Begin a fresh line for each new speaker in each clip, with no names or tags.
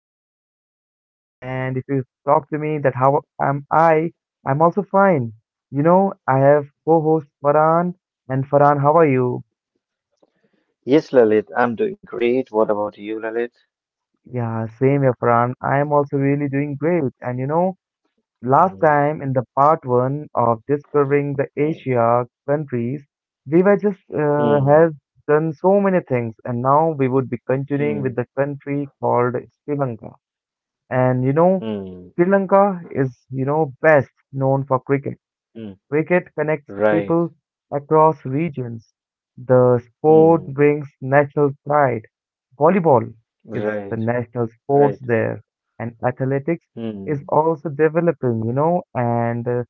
guys doing? And if you talk to me, that how am I? I'm also fine. You know, I have co-host Farhan, and Farhan, how are you?
Yes, Lalit, I'm doing great. What about you, Lalit?
Yeah, same here, Farhan. I am also really doing great. And you know, last
Mm,
time in the part one of discovering the
mm,
Asia countries, we were just
mm,
have done so many things, and now we would be continuing
mm,
with the country called Sri Lanka. And you know.
mm,
Sri Lanka is, you know, best known for cricket.
mm.
Cricket connects
Right.
people across regions. The sport
Mm,
brings national pride. Volleyball is
right.
the national
Right.
sports there, and athletics is
Mm,
also developing, you know, and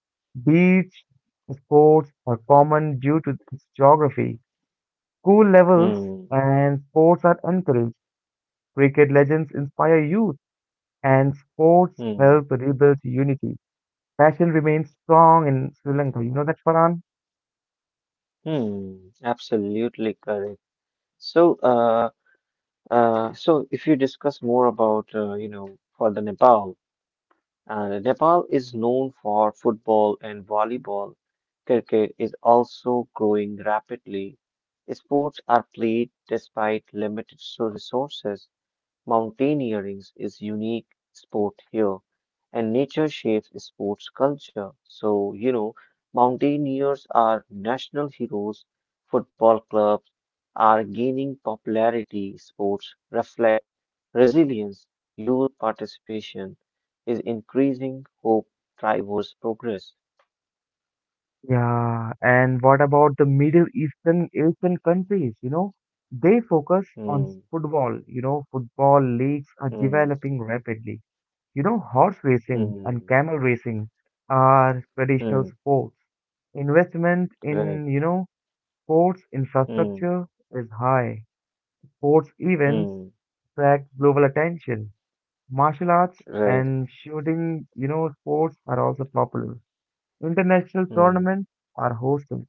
beach sports are common due to its geography. School levels
mm,
and sports are encouraged. Cricket legends inspire youth, and sports
mm,
help rebuild unity. Fashion remains strong in Sri Lanka. You know that, Farhan?
mm. Absolutely correct. So, so if you discuss more about, for the Nepal. And Nepal is known for football and volleyball. Cricket is also growing rapidly. Sports are played despite limited resources. Mountaineering is unique sport here, and nature shapes sports culture. So, mountaineers are national heroes. Football clubs are gaining popularity. Sports reflect resilience. Youth participation is increasing. Hope drivers progress.
Yeah, and what about the Middle Eastern Asian countries? You know, they focus on
Hmm,
football. You know, football leagues are
hmm,
developing rapidly. You know, horse racing and
hmm,
camel racing are traditional
hmm,
sports. Investment in,
right,
you know, sports
hmm,
infrastructure is high. Sports events
hmm,
attract global attention. Martial arts
right,
and shooting, you know, sports are also popular. International
hmm,
tournaments are hosting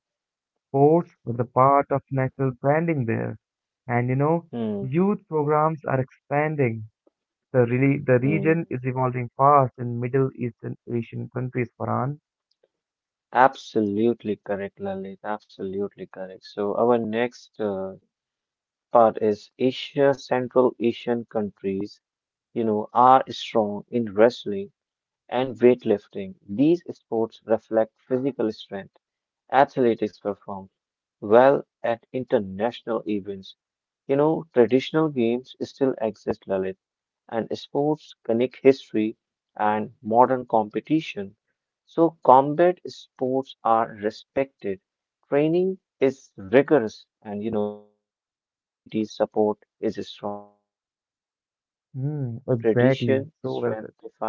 sports with the part of national branding there. And you know,
hmm,
youth programs are expanding. The
hmm.
region is evolving fast in Middle Eastern Asian countries, Farhan.
Absolutely correct, Lalit. Absolutely correct. So our next part is Asia, Central Asian countries, are strong in wrestling and weightlifting. These sports reflect physical strength. Athletics perform well at international events. Traditional games still exist, Lalit, and sports connect history and modern competition. So, combat sports are respected, training is rigorous, and community support is strong. And sports preserve
Mm,
tradition,
exactly. So
strength
well said.
defines,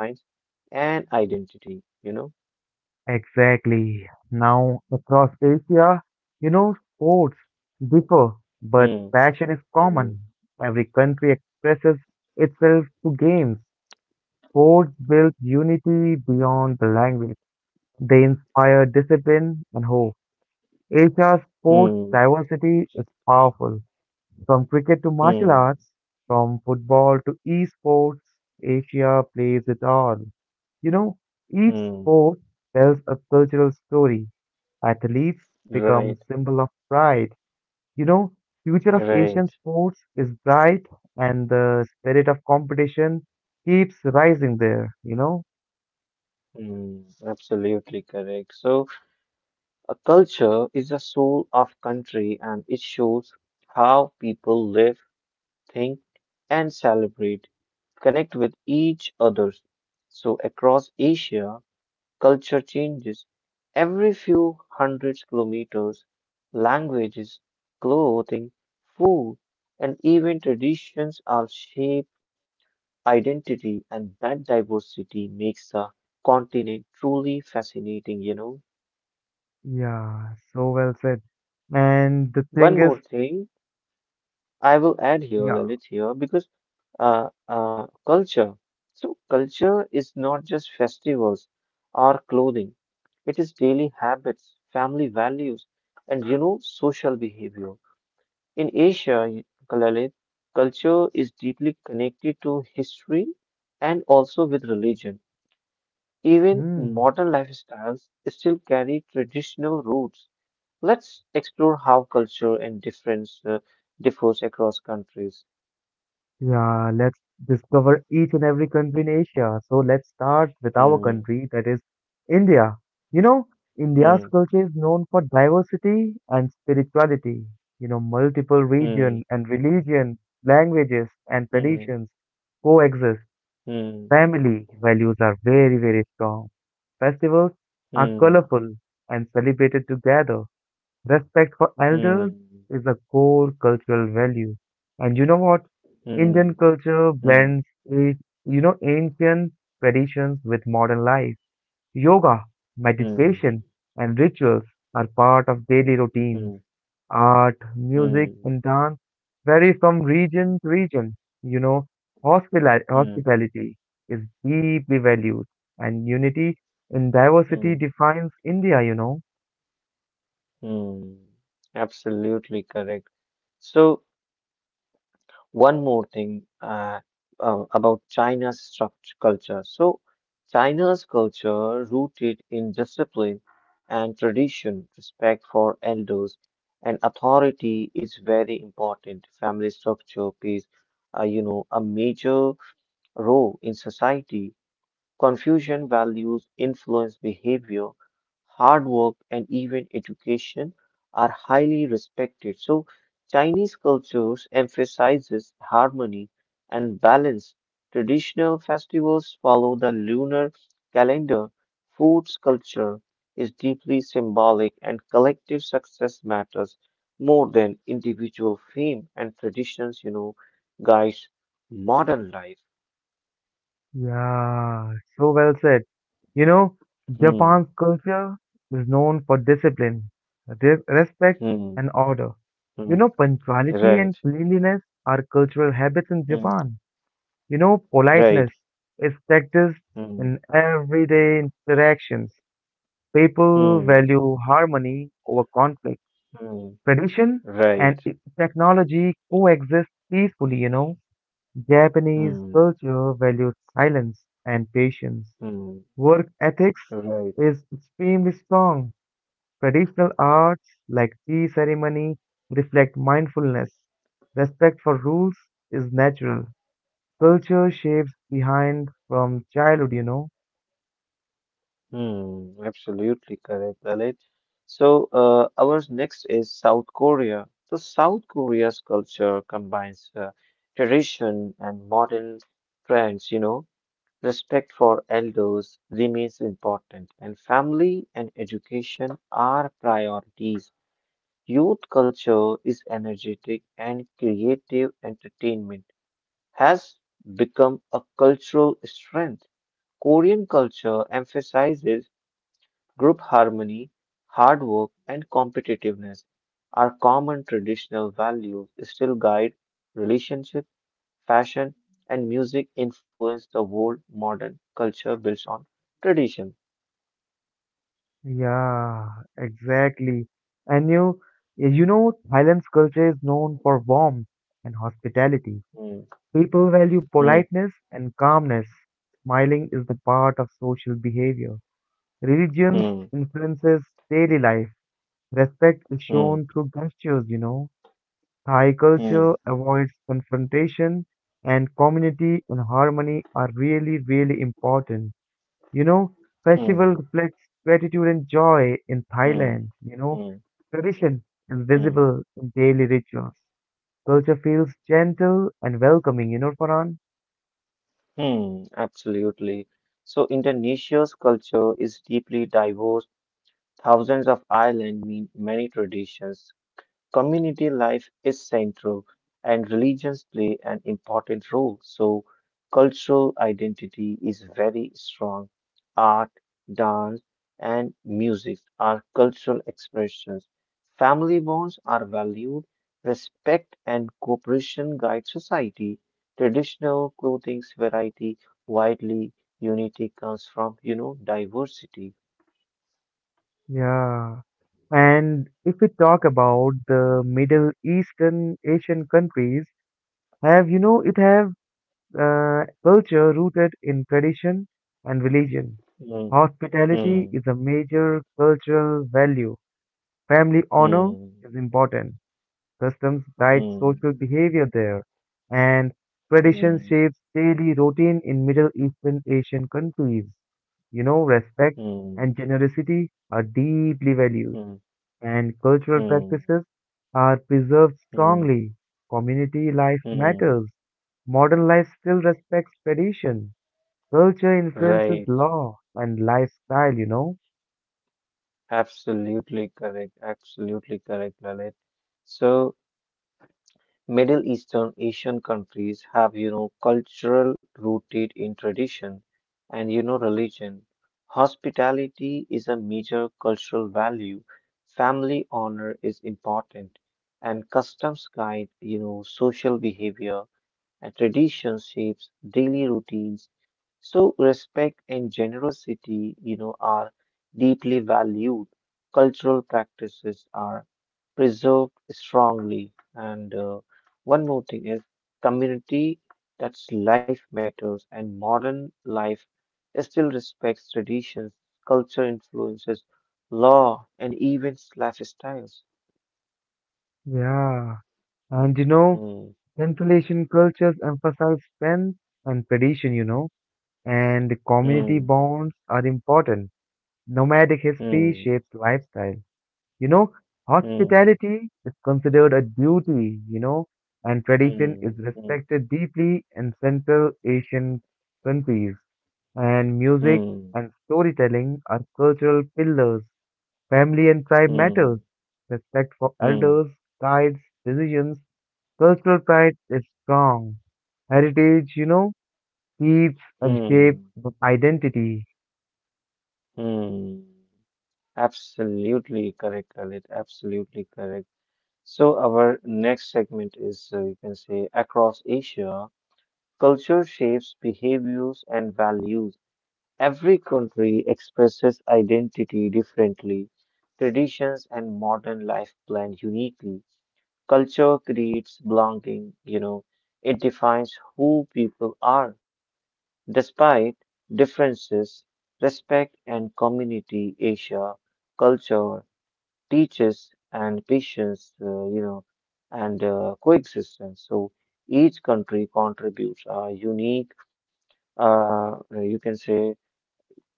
and identity.
Exactly. Now, across Asia, you know, sports differ,
Hmm,
but passion is
hmm,
common. Every country expresses itself through games. Sports build unity beyond the language. They inspire discipline and hope. Asia's sports
hmm,
diversity is powerful. From cricket to martial
hmm,
arts, from football to esports, Asia plays it all. You know, each
hmm.
sport tells a cultural story. Athletes become
Right,
symbol of pride. You know, future of Asian
right.
sports is bright and the spirit of competition keeps rising there, you know?
Hmm, absolutely correct. So, a culture is the soul of country and it shows how people live, think, and celebrate, connect with each other. So across Asia, culture changes every few hundred kilometers. Languages, clothing, food, and even traditions are shape identity, and that diversity makes the continent truly fascinating.
Yeah, so well said. And the thing
One
is,
more thing I will add here,
yeah.
Lalit, here because culture. So, culture is not just festivals or clothing, it is daily habits, family values, and social behavior. In Asia, Lalit, culture is deeply connected to history and also with religion. Even
Hmm.
modern lifestyles still carry traditional roots. Let's explore how culture and difference differs across countries.
Yeah, let's discover each and every country in Asia. So let's start with our
Hmm.
country, that is India. You know, India's
Mm,
culture is known for diversity and spirituality. You know, multiple
mm,
region and religion, languages and
mm,
traditions coexist.
mm,
Family values are very, very strong. Festivals are
mm,
colorful and celebrated together. Respect for elders
mm,
is a core cultural value. And you know what? Indian
mm,
culture
mm,
blends, a- you know, ancient traditions with modern life. Yoga,
mm,
meditation, and rituals are part of daily routines.
mm,
Art, music,
mm,
and dance vary from region to region. You know,
mm,
hospitality is deeply valued, and unity in diversity
mm,
defines India, you know.
mm. Absolutely correct. So, one more thing about China's struct culture. So, China's culture rooted in discipline and tradition, respect for elders and authority is very important. Family structure plays, a major role in society. Confucian values influence behavior, hard work, and even education are highly respected. So, Chinese cultures emphasizes harmony and balance. Traditional festivals follow the lunar calendar. Food's culture is deeply symbolic, and collective success matters more than individual fame. And traditions, guides modern life.
Yeah, so well said. You know,
Hmm,
Japan's culture is known for discipline, re respect,
hmm,
and order. You
hmm.
know, punctuality
Right.
and cleanliness are cultural habits in
Mm.
Japan. You know,
Right.
politeness is practiced in
Mm.
everyday interactions. People
Mm.
value harmony over conflict.
Mm.
Tradition
Right.
and technology coexist peacefully, you know. Japanese
Mm.
culture values silence and patience.
Mm.
Work ethics
Right.
is extremely strong. Traditional arts like tea ceremony reflect mindfulness. Respect for rules is natural. Culture shapes behind from childhood, you know.
Mm. Absolutely correct, Lalit. So, our next is South Korea. So, South Korea's culture combines tradition and modern trends, respect for elders remains important, and family and education are priorities. Youth culture is energetic and creative entertainment has become a cultural strength. Korean culture emphasizes group harmony, hard work, and competitiveness. Our common traditional values still guide relationship, fashion, and music influence the world modern culture builds on tradition.
Yeah, exactly. And you know, Thailand's culture is known for warmth and hospitality.
Hmm,
People value
hmm,
politeness and calmness. Smiling is the part of social behavior. Religions
hmm,
influences daily life. Respect is
hmm,
shown through gestures, you know. Thai
hmm,
culture avoids confrontation and community and harmony are really, really important. You know, festival
hmm,
reflects gratitude and joy in
hmm,
Thailand, you know.
hmm,
Tradition is
hmm.
visible in daily rituals. Culture feels gentle and welcoming, you know, Farhan?
Hmm, absolutely. So Indonesia's culture is deeply diverse. Thousands of islands mean many traditions, community life is central, and religions play an important role. So, cultural identity is very strong. Art, dance, and music are cultural expressions. Family bonds are valued. Respect and cooperation guide society. Traditional clothing's variety widely. Unity comes from, diversity.
Yeah. And if we talk about the Middle Eastern Asian countries, have you know it have culture rooted in tradition and religion.
Hmm,
Hospitality
hmm,
is a major cultural value. Family honor
hmm,
is important. Customs guide
hmm,
social behavior there, and tradition
hmm,
shapes daily routine in Middle Eastern Asian countries. You know, respect
hmm.
and generosity are deeply valued
Mm,
and cultural
mm,
practices are preserved
mm,
strongly. Community life
mm.
matters. Modern life still respects tradition. Culture influences
Right.
law and lifestyle, you know?
Absolutely correct. Absolutely correct, Lalit. So, Middle Eastern Asian countries have, cultural rooted in tradition and, religion. Hospitality is a major cultural value. Family honor is important, and customs guide, social behavior. And tradition shapes daily routines. So respect and generosity, are deeply valued. Cultural practices are preserved strongly. And one more thing is community that's life matters and modern life still respects traditions, culture influences, law, and even lifestyles.
Yeah. And you know,
Hmm,
Central Asian cultures emphasize strength and tradition, you know, and community
hmm,
bonds are important. Nomadic history
hmm,
shapes lifestyle. You know,
hmm,
hospitality is considered a duty, you know, and tradition is
hmm, hmm,
respected deeply in Central Asian countries. And music
hmm.
and storytelling are cultural pillars. Family and tribe matters.
Hmm,
Respect for
hmm,
elders, guides, decisions. Cultural pride is strong. Heritage, you know, keeps and shapes
hmm,
the identity.
hmm. Absolutely correct, Khalid. Absolutely correct. So our next segment is, you can say, across Asia, culture shapes behaviors and values. Every country expresses identity differently, traditions and modern life blend uniquely. Culture creates belonging, it defines who people are. Despite differences, respect and community Asia culture teaches and patience, and coexistence. So each country contributes a unique, you can say,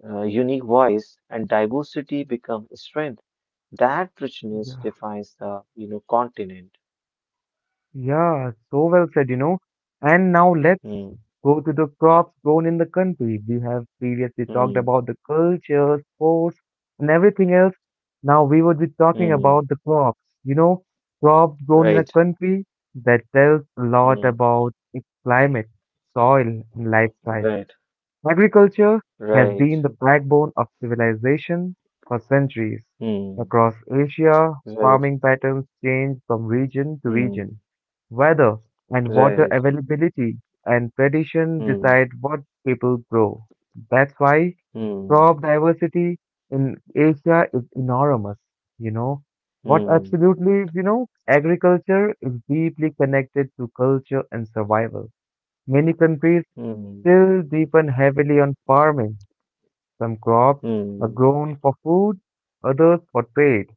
unique voice, and diversity becomes strength. That richness
Yeah.
defines the, continent.
Yeah, so well said, you know. And now let's
Hmm,
go to the crops grown in the country. We have previously talked
hmm,
about the culture, sports, and everything else. Now we would be talking
hmm,
about the crops. You know, crops grown in a
right,
country that tells a lot
hmm,
about its climate, soil, and lifestyle.
right,
Agriculture has
right,
been the backbone of civilization for centuries.
hmm,
Across Asia,
right,
farming patterns change from region to
hmm.
region. Weather and water
Right.
availability and tradition
Hmm.
decide what people grow. That's why crop
Hmm.
diversity in Asia is enormous. You know, what
Hmm.
absolutely is, you know, agriculture is deeply connected to culture and survival. Many countries
Hmm.
still depend heavily on farming. Some crops are
Hmm.
grown for food, others for trade.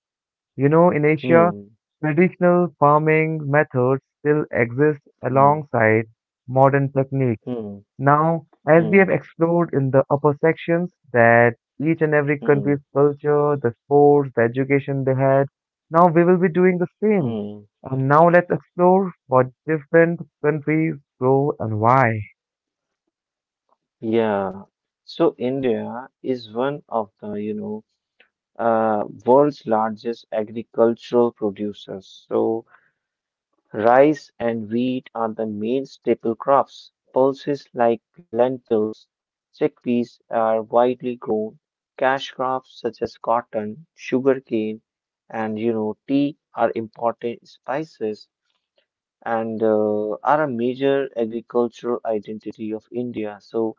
You know, in Asia,
Hmm.
traditional farming methods still exist
Hmm.
alongside modern techniques.
Hmm.
Now, as we have
Hmm.
explored in the upper sections, that each and every country's
Hmm.
culture, the sports, the education they had, now we will be doing the same.
Hmm.
And now let's explore what different countries grow and why.
Yeah. So India is one of the, world's largest agricultural producers. So rice and wheat are the main staple crops. Pulses like lentils, chickpeas are widely grown. Cash crops such as cotton, sugarcane, and tea are important spices, and are a major agricultural identity of India. So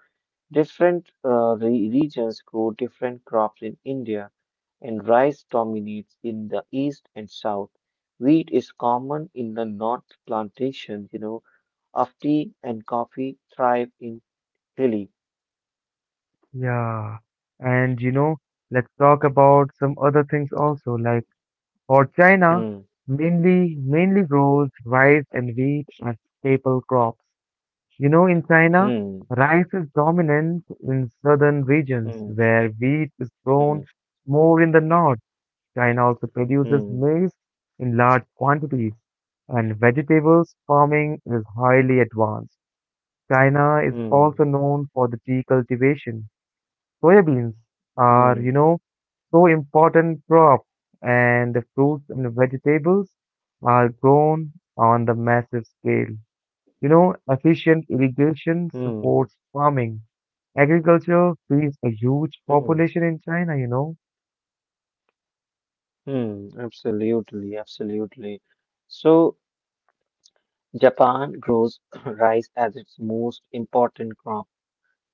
different regions grow different crops in India, and rice dominates in the east and south. Wheat is common in the north plantations. Of tea and coffee thrive in hilly.
Yeah. And you know, let's talk about some other things also, like for China,
Hmm,
mainly grows rice and wheat as staple crops. You know, in China,
hmm,
rice is dominant in southern regions
hmm,
where wheat is grown
hmm,
more in the north. China also produces
hmm,
maize in large quantities and vegetables farming is highly advanced. China is also
hmm,
known for the tea cultivation. Soybeans are,
hmm,
you know, so important crop, and the fruits and the vegetables are grown on the massive scale. You know, efficient irrigation
hmm,
supports farming. Agriculture feeds a huge
hmm,
population in China, you know.
hmm. Absolutely, absolutely. So Japan grows rice as its most important crop.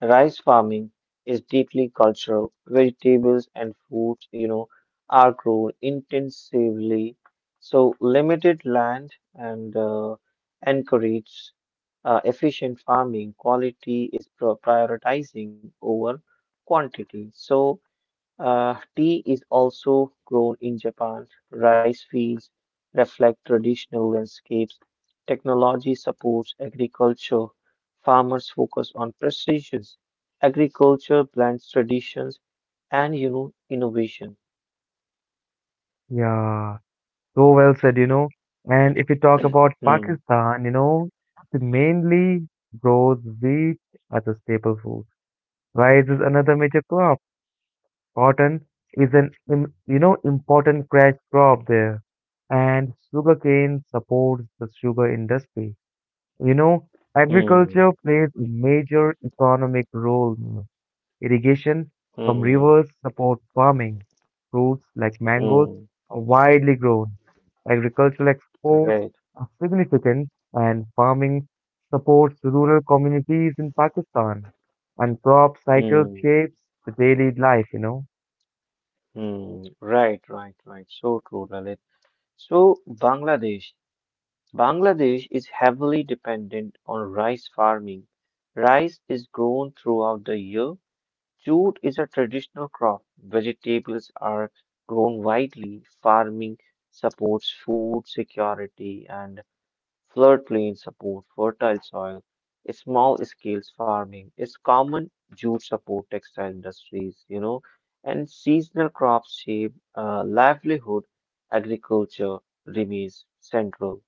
Rice farming is deeply cultural. Vegetables and fruits, are grown intensively. So limited land and encourage efficient farming. Quality is prioritizing over quantity. So tea is also grown in Japan. Rice fields reflect traditional landscapes. Technology supports agriculture. Farmers focus on precision. Agriculture blends traditions and innovation.
Yeah, so well said, you know. And if you talk about
Hmm,
Pakistan, you know, it mainly grows wheat as a staple food. Rice is another major crop. Cotton is an you know important cash crop there, and sugarcane supports the sugar industry. You know,
hmm,
agriculture plays a major economic role. In irrigation from
hmm,
rivers support farming. Fruits like mangoes
hmm.
are widely grown. Agricultural exports
Right.
are significant, and farming supports rural communities in Pakistan. And crop cycle
Hmm,
shapes the daily life, you know.
hmm. Right, right, right. So true, Lalit. So Bangladesh. Bangladesh is heavily dependent on rice farming. Rice is grown throughout the year. Jute is a traditional crop. Vegetables are grown widely. Farming supports food security, and floodplain support fertile soil. Small scale farming is common. Jute support textile industries, and seasonal crops shape livelihood. Agriculture remains central.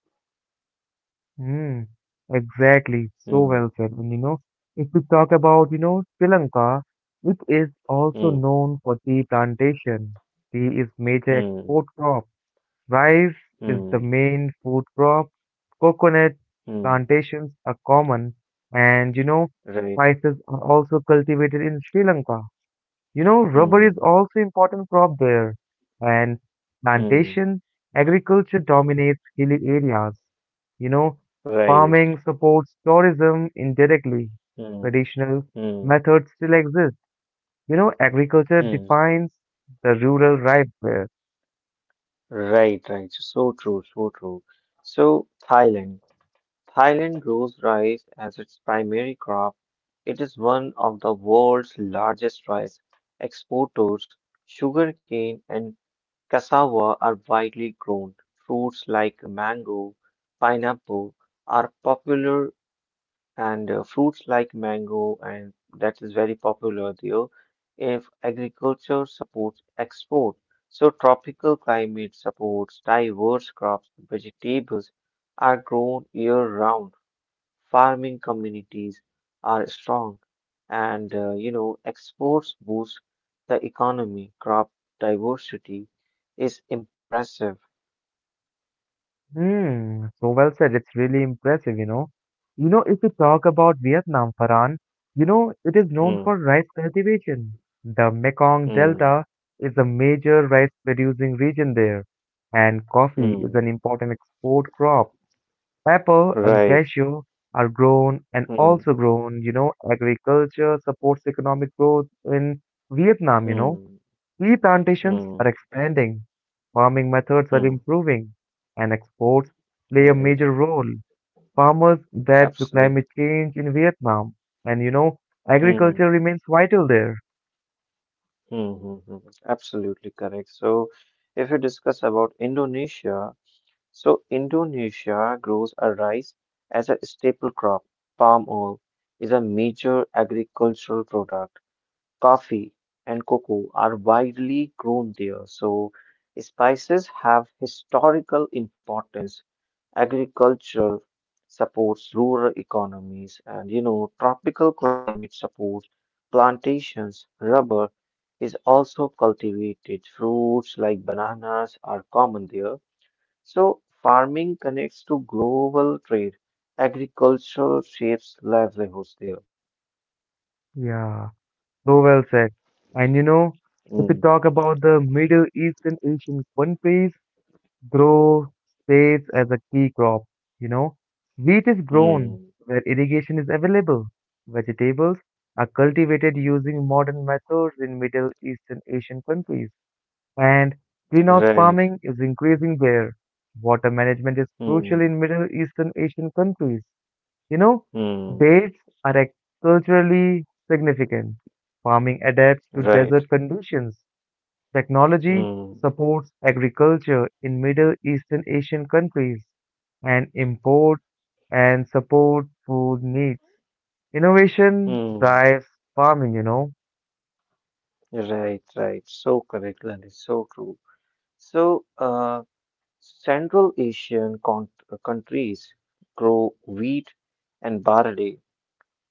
Mm, exactly. So
Hmm.
well said. And you know, if we talk about, you know, Sri Lanka, it is also
Mm,
known for tea plantation. Tea is major
mm,
export crop. Rice is the
mm,
main food crop. Coconut
mm,
plantations are common. And you know,
right.
spices are also cultivated in Sri Lanka. You know, rubber is
Mm,
also important crop there, and
mm,
plantation agriculture dominates hilly areas. You know,
right.
farming supports tourism indirectly.
Mm,
Traditional
mm,
methods still exist. You know, agriculture
mm,
defines the rural life there.
right, right. So true, so true. So Thailand. Thailand grows rice as its primary crop. It is one of the world's largest rice exporters. Sugarcane and cassava are widely grown. Fruits like mango, pineapple are popular, and fruits like mango and that is very popular there. If agriculture supports export, so tropical climate supports diverse crops. Vegetables are grown year round. Farming communities are strong, and exports boost the economy. Crop diversity is impressive.
Hmm, so well said. It's really impressive, you know. You know, if we talk about Vietnam, Farhan, you know, it is known
Hmm,
for rice cultivation. The Mekong
hmm,
Delta is a major rice producing region there, and coffee is
hmm,
an important export crop. Pepper and
right,
cashew are grown and
hmm,
also grown, you know, agriculture supports economic growth in Vietnam, you know.
hmm,
Tea plantations
hmm,
are expanding, farming methods are
hmm,
improving, and exports play a
right.
major role. Farmers adapt to
Absolutely.
climate change in Vietnam, and you know,
Hmm.
agriculture remains vital there.
Hmm, hmm, hmm. Absolutely correct. So, if you discuss about Indonesia, so Indonesia grows a rice as a staple crop. Palm oil is a major agricultural product. Coffee and cocoa are widely grown there. So, spices have historical importance. Agriculture supports rural economies, and tropical climate supports plantations. Rubber is also cultivated. Fruits like bananas are common there. So, farming connects to global trade. Agriculture shapes livelihoods there.
Yeah, so well said. And you know, if we
Mm,
talk about the Middle Eastern Asian countries, grow stays as a key crop. You know, wheat is grown
mm,
where irrigation is available. Vegetables are cultivated using modern methods in Middle Eastern Asian countries, and greenhouse
right.
farming is increasing there. Water management is crucial
Mm,
in Middle Eastern Asian countries. You know,
mm,
dates are culturally significant. Farming adapts to
right.
desert conditions. Technology
Mm,
supports agriculture in Middle Eastern Asian countries and import and support food needs. Innovation
mm,
drives farming, you know.
right, right. So correct, and it's so true. So, Central Asian countries grow wheat and barley.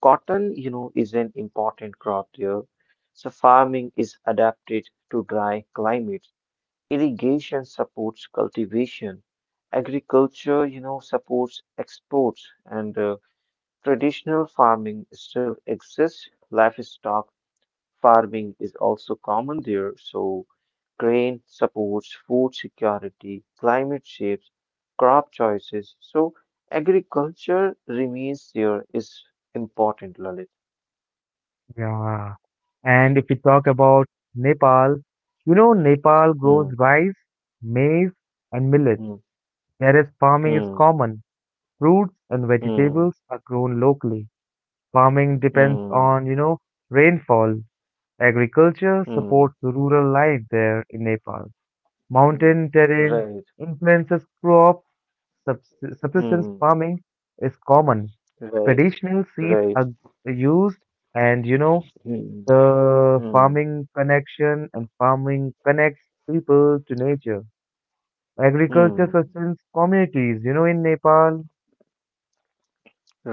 Cotton, is an important crop there. So farming is adapted to dry climates. Irrigation supports cultivation. Agriculture, supports exports, and traditional farming still exists. Livestock farming is also common there, so grain supports food security, climate shapes, crop choices. So agriculture remains there is important, Lalit.
Yeah. And if we talk about Nepal, you know, Nepal
Hmm,
grows rice, maize, and millet,
hmm,
whereas farming is
hmm,
common. Fruits and
hmm,
vegetables are grown locally. Farming depends
hmm,
on, you know, rainfall. Agriculture
hmm,
supports rural life there in Nepal.
hmm.
Mountain terrain
Right.
influences crop subs- subsistence
Hmm.
farming is common.
Right.
Traditional seeds
Right.
are used, and you know,
Hmm.
the
Hmm.
farming connection and farming connects people to nature. Agriculture
Hmm.
sustains communities, you know, in Nepal.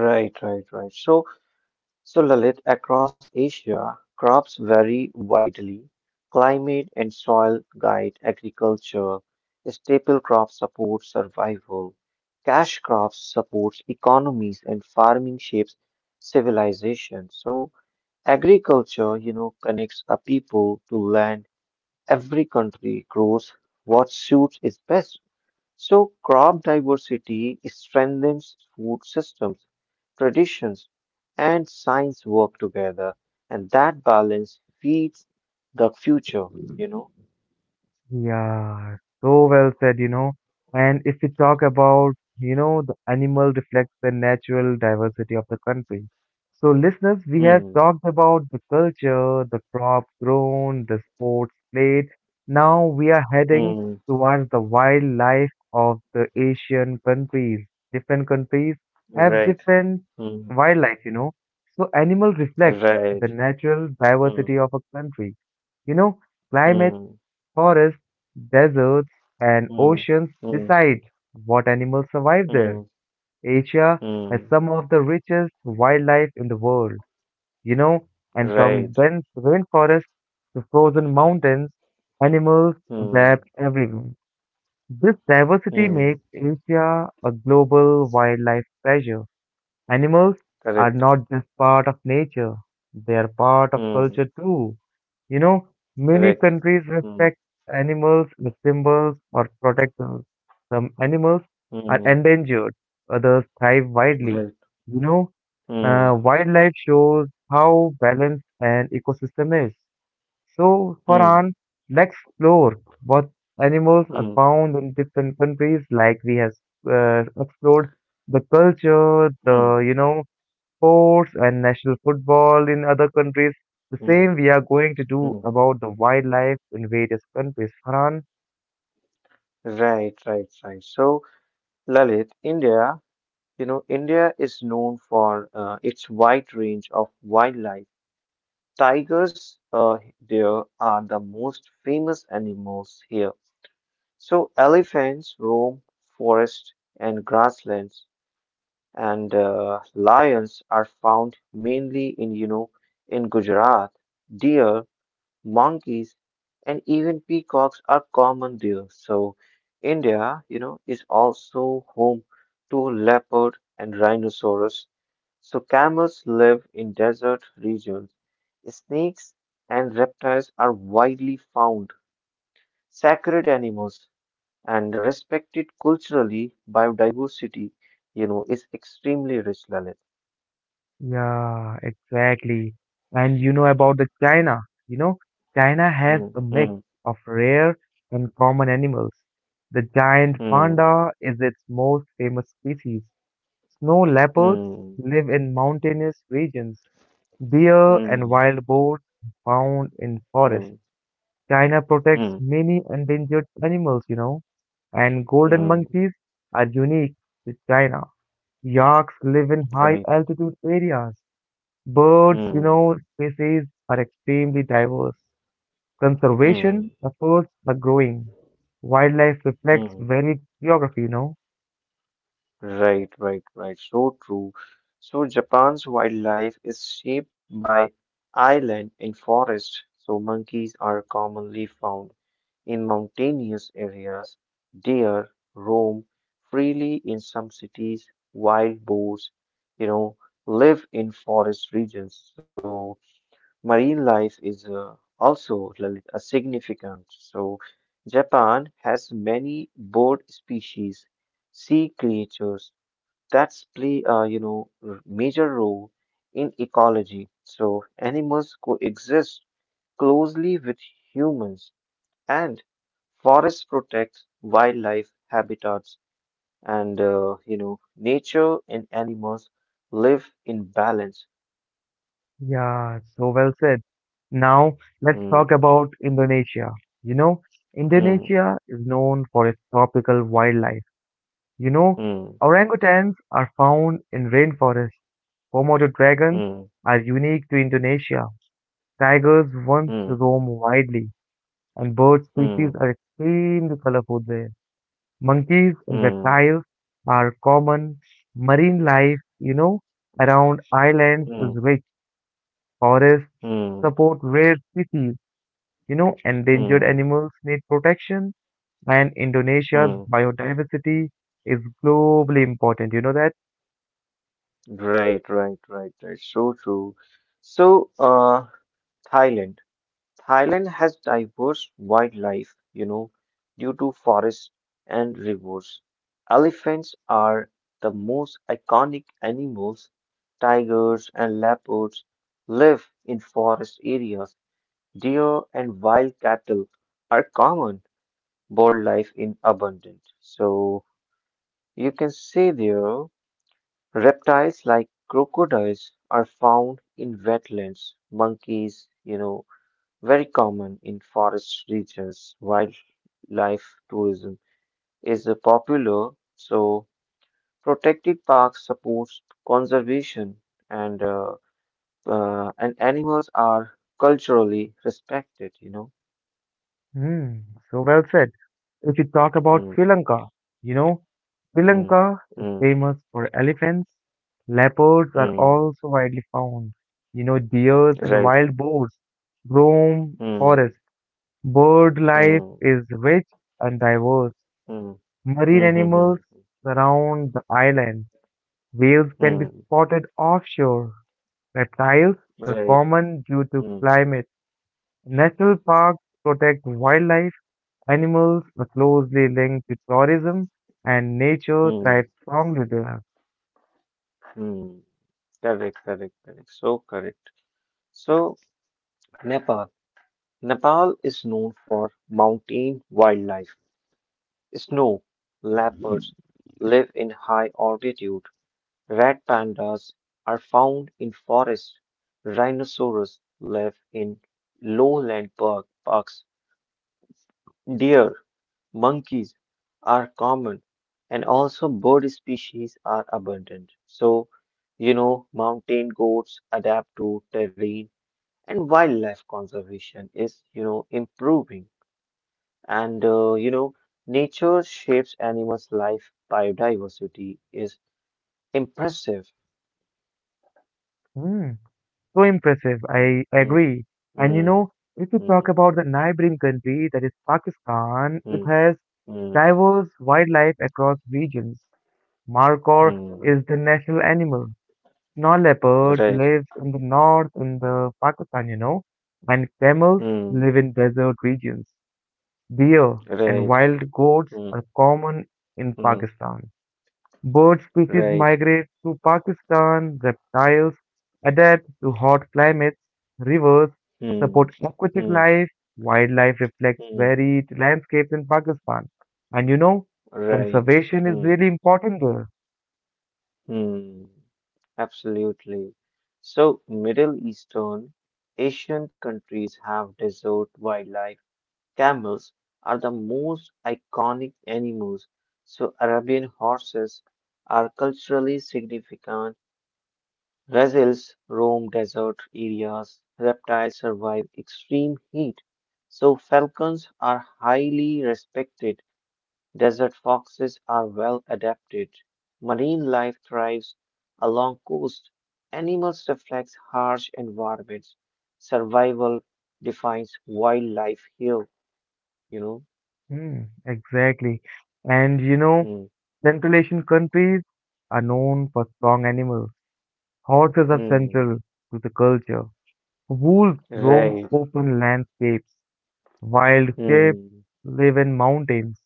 Right. Right. Right. So so, Lalit, across Asia, crops vary widely. Climate and soil guide agriculture. Staple crops support survival. Cash crops support economies, and farming shapes civilization. So, agriculture, connects a people to land. Every country grows what suits its best. So crop diversity strengthens food systems, traditions, and science work together, and that balance feeds the future, you know.
Yeah, so well said, you know. And if we talk about, you know, the animal reflects the natural diversity of the country. So, listeners, we have
Hmm.
talked about the culture, the crops grown, the sports played. Now we are heading
Hmm.
towards the wildlife of the Asian countries. Different countries have
Right.
different
Hmm.
wildlife, you know. So, animal reflects
Right.
the natural
Hmm.
diversity of a country. You know, climate,
Hmm.
forests, deserts, and
Hmm.
oceans
Hmm.
decide what animals survive there.
Hmm.
Asia has
Hmm.
some of the richest wildlife in the world, you know, and from
Right.
dense rainforests to frozen mountains, animals
Hmm.
adapt everywhere. This diversity makes
Hmm.
Asia a global wildlife treasure. Animals are
Correct.
not just part of nature, they are part of
Hmm.
culture too. You know, many
Correct.
countries
Hmm.
respect animals as symbols or protectors. Some animals are
Hmm.
endangered, others thrive widely.
Right.
You know,
Hmm.
Wildlife shows how balanced an ecosystem is. So,
Hmm.
Farhan, let's explore what animals
Hmm.
are
Hmm.
found in different countries, like we have explored the culture,
Hmm.
the, you know, sports and national football in other countries. The
Hmm.
same we are going to do
Hmm,
about the wildlife in various countries, Farhan.
right, right, right. So, Lalit, India, India is known for its wide range of wildlife. Tigers, there are the most famous animals here. So, elephants roam forests and grasslands, and lions are found mainly in Gujarat. Deer monkeys, and even peacocks are common there. So, India, is also home to leopard and rhinoceros. So, camels live in desert regions. Snakes and reptiles are widely found, sacred animals, and respected culturally. Biodiversity, is extremely rich, Lalit.
Yeah, exactly. And you know about the China. You know, China has
Hmm,
a mix
hmm,
of rare and common animals. The giant
hmm,
panda is its most famous species. Snow leopards
hmm,
live in mountainous regions. Deer and
hmm,
wild boars are found in forests.
hmm,
China protects
hmm,
many endangered animals, you know, and golden
hmm.
monkeys are unique to China. Yaks live in high
Right.
altitude areas. Birds, you
Hmm,
know, species are extremely diverse. Conservation
hmm,
efforts are growing. Wildlife reflects
hmm.
varied geography, you know.
Right, right, right. So true. So Japan's wildlife is shaped by island and forest. So monkeys are commonly found in mountainous areas. Deer roam freely in some cities. Wild boars, you know, live in forest regions. So marine life is also a significant. So, Japan has many bird species, sea creatures that play a major role in ecology. So, animals coexist closely with humans, and forests protect wildlife habitats, and nature and animals live in balance.
Yeah, so well said. Now, let's
Hmm,
talk about Indonesia. You know,
hmm,
Indonesia is known for its tropical wildlife. You know,
hmm,
orangutans are found in rainforests. Komodo dragons
hmm,
are unique to Indonesia. Tigers once
hmm.
roam widely, and bird species
Mm,
are extremely colorful there. Monkeys and
mm,
reptiles are common. Marine life, you know, around islands is
mm,
rich. Forests
mm,
support rare species, you know, endangered
mm,
animals need protection, and Indonesia's
mm.
biodiversity is globally important. You know that?
Right, right, right. That's so true. So, uh, Thailand. Thailand has diverse wildlife, you know, due to forests and rivers. Elephants are the most iconic animals. Tigers and leopards live in forest areas. Deer and wild cattle are common. Bird life in abundance. So, you can see there reptiles like crocodiles are found in wetlands. Monkeys, you know, very common in forest regions. Wildlife tourism is a popular, so protected parks supports conservation and uh, and animals are culturally respected. You know.
Hmm, so well said. If you talk about
Mm,
Sri Lanka, you know, Sri
mm,
Lanka is
mm,
famous for elephants. Leopards are
mm,
also widely found. You know, deers and
right.
wild boars roam forests.
Mm,
Bird life
mm,
is rich and diverse.
mm, mm,
Marine animals
mm, mm,
surround the island. Whales can be
mm,
spotted offshore. Reptiles are
right.
common due to
Mm,
climate. National parks protect wildlife. Animals are closely linked to tourism, and nature
mm,
thrives strongly there.
mm. Correct, correct, correct. So correct. So, Nepal. Nepal is known for mountain wildlife. Snow leopards live in high altitude. Red pandas are found in forests. Rhinoceros live in parks. Deer, monkeys are common and also bird species are abundant. So, you know, mountain goats adapt to terrain and wildlife conservation is, you know, improving. And, nature shapes animals' life. Biodiversity is impressive.
Hmm, so impressive, I
Mm,
agree. And you
mm,
know, if we talk
mm,
about the neighboring country, that is Pakistan, it
mm,
has
mm,
diverse wildlife across regions. Markor
mm.
is the national animal. Snow leopard
Right.
lives in the north in the Pakistan, you know, and camels
Mm,
live in desert regions. Deer and
right.
wild goats
Mm,
are common in
mm,
Pakistan. Bird species
right.
migrate to Pakistan. Reptiles adapt to hot climates. Rivers support
Mm,
aquatic
mm,
life. Wildlife reflects
mm.
varied landscapes in Pakistan. And you know,
Right.
conservation is
Hmm.
really important there.
Hmm. Absolutely. So, Middle Eastern, Asian countries have desert wildlife. Camels are the most iconic animals. So, Arabian horses are culturally significant. Gazelles roam desert areas. Reptiles survive extreme heat. So, falcons are highly respected. Desert foxes are well adapted. Marine life thrives along coasts. Animals reflect harsh environments. Survival defines wildlife here, you know.
Hmm, exactly. And you know,
Hmm,
Central Asian countries are known for strong animals. Horses are
hmm,
central to the culture. Wolves roam
right.
open landscapes. Wild sheep
Hmm,
live in mountains.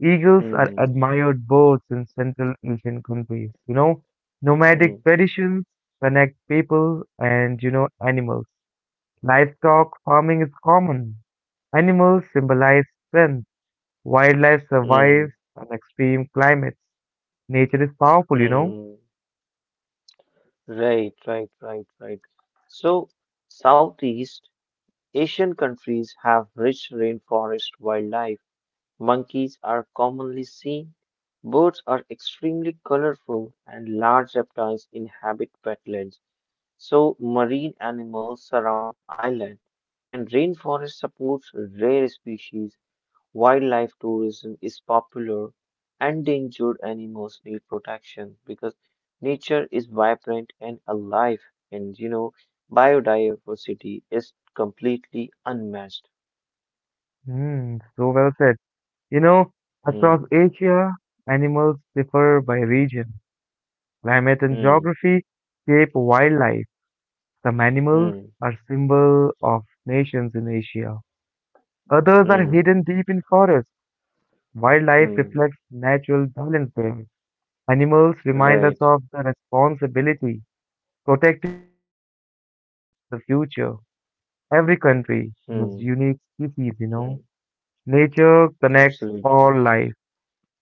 Eagles are
hmm,
admired birds in Central Asian countries. You know,
hmm,
nomadic traditions connect people and, you know, animals. Livestock farming is common. Animals symbolize strength. Wildlife
hmm,
survives on extreme climates. Nature is powerful, you know.
hmm. Right, right, right, right. So, Southeast Asian countries have rich rainforest wildlife. Monkeys are commonly seen. Birds are extremely colorful, and large reptiles inhabit wetlands. So, marine animals surround islands, and rainforest supports rare species. Wildlife tourism is popular. Endangered animals need protection because nature is vibrant and alive, and you know, biodiversity is completely unmatched.
Hmm, so well said. You know, across
Hmm,
Asia, animals differ by region. Climate and
hmm,
geography shape wildlife. Some animals
hmm,
are symbols of nations in Asia. Others are
hmm,
hidden deep in forests. Wildlife
hmm.
reflects natural balance. Animals remind us
Right.
of the responsibility. Protecting
Hmm.
wildlife protects the future. Every country
Hmm.
has unique species, you
Hmm.
know. Nature connects
Absolutely.
all life.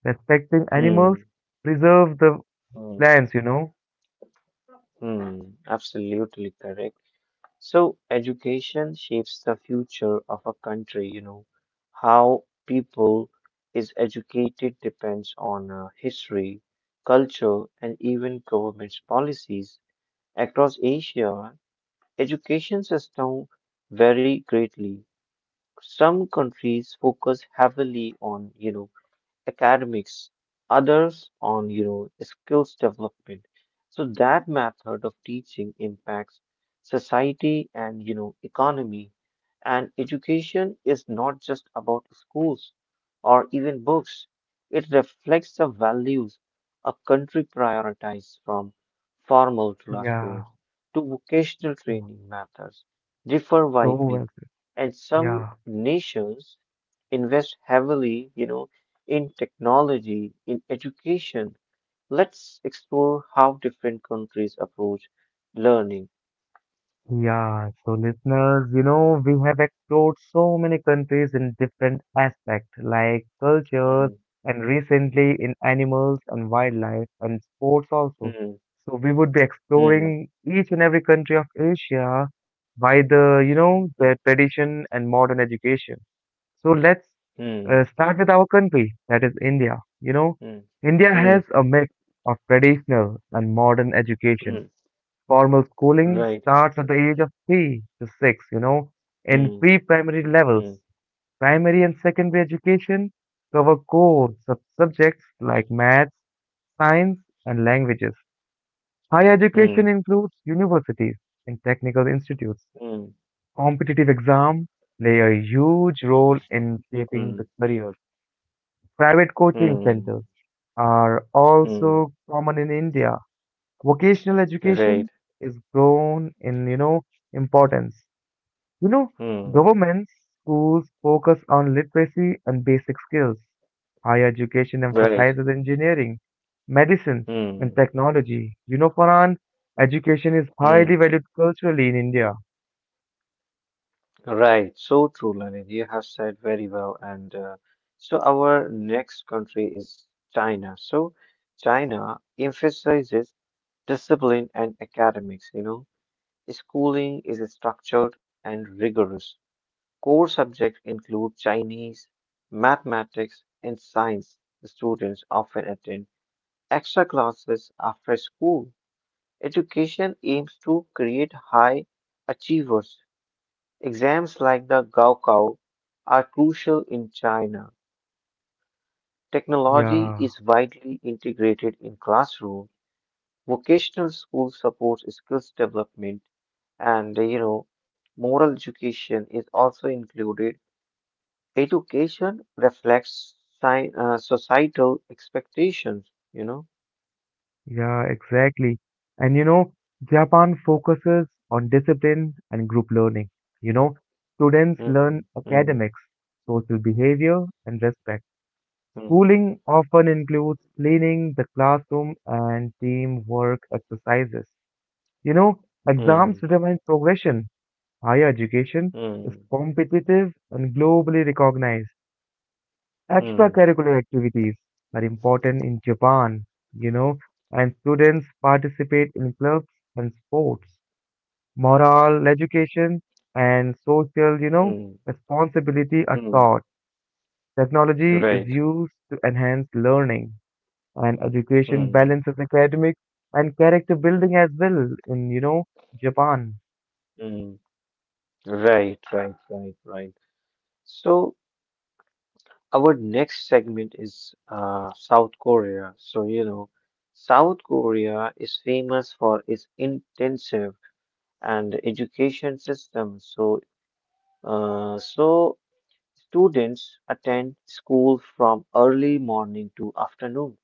Respecting animals
Hmm.
preserves the
Hmm.
plants, you know.
Hmm. Absolutely correct. So, education shapes the future of a country, you know. How people is educated depends on history, culture, and even government's policies. Across Asia, education system vary greatly. Some countries focus heavily on, you know, academics, others on you know skills development. So, that method of teaching impacts society and you know economy. And education is not just about schools or even books. It reflects the values a country prioritizes, from formal
Yeah.
classrooms to vocational
So
training methods differ
well
widely,
said.
and some
Yeah.
nations invest heavily, you know, in technology, in education. Let's explore how different countries approach learning.
Yeah, so listeners, you know, we have explored so many countries in different aspects, like cultures
Hmm,
and recently in animals and wildlife and sports also.
hmm,
So we would be
hmm,
exploring each and every country of Asia by the, you know, the tradition and modern education. So let's
hmm,
start with our country, that is India. You know,
hmm,
India
hmm,
has a mix of traditional and modern
hmm,
education. Formal schooling
right.
starts at the age of 3 to 6, you know, in
Hmm,
pre-primary
hmm,
levels. Primary and secondary education cover core subjects like maths, science, and languages. Higher
hmm,
education includes universities and technical institutes.
hmm,
Competitive exams play a huge role in shaping
hmm,
the careers. Private coaching
hmm,
centers are
hmm,
also common in India. Vocational education
right.
is grown in, you know, importance. You know,
Hmm,
governments schools focus on literacy and basic skills. Higher education
right.
emphasizes engineering, medicine, and
Hmm,
technology. You know, Farhan, education is highly
hmm.
valued culturally in India.
Right, so true, Lalit. You have said very well. And so our next country is China. So, China emphasizes discipline and academics, you know. Schooling is structured and rigorous. Core subjects include Chinese, mathematics, and science. Students often attend extra classes after school. Education aims to create high achievers. Exams like the Gaokao are crucial in China. Technology
yeah
is widely integrated in classrooms. Vocational school supports skills development and you know moral education is also included. Education reflects societal expectations, you know.
yeah exactly. And you know, Japan focuses on discipline and group learning. You know, students
Hmm,
learn
hmm,
academics, social behavior, and respect.
hmm,
Schooling often includes cleaning the classroom and teamwork exercises. You know,
hmm,
exams determine progression. Higher education
hmm,
is competitive and globally recognized.
hmm,
Extracurricular activities are important in Japan, you know, and students participate in clubs and sports. Moral education and social, you know,
hmm,
responsibility are
hmm.
taught. Technology is
Right.
used to enhance learning, and education
Hmm,
balances academics and character building as well in, you know, Japan.
hmm. Right, right, right, right. So, our next segment is South Korea. So you know, South Korea is famous for its intensive and education system. So students attend school from early morning to afternoon.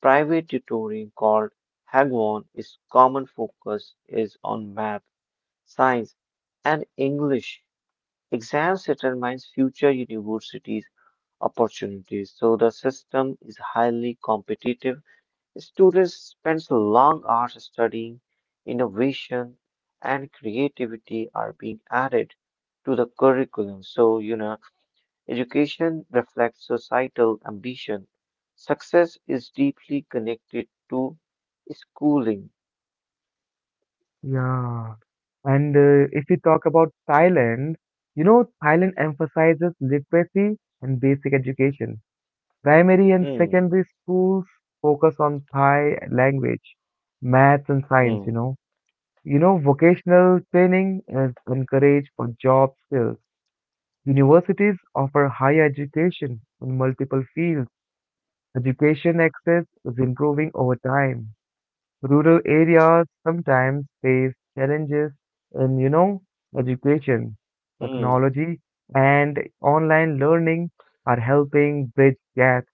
Private tutoring called Hagwon is common, focus is on math, science, and English. Exams determines future university opportunities. So, the system is highly competitive. Students spend long hours studying. Innovation and creativity are being added to the curriculum. So, you know, education reflects societal ambition. Success is deeply connected to schooling.
Yeah. And if we talk about Thailand, you know, Thailand emphasizes literacy and basic education. Primary and
Hmm,
secondary schools focus on Thai language, maths, and science, you
hmm,
know. You know, vocational training is encouraged for job skills. Universities offer higher education in multiple fields. Education access is improving over time. Rural areas sometimes face challenges in, you know, education,
hmm,
technology, and online learning are helping bridge gaps.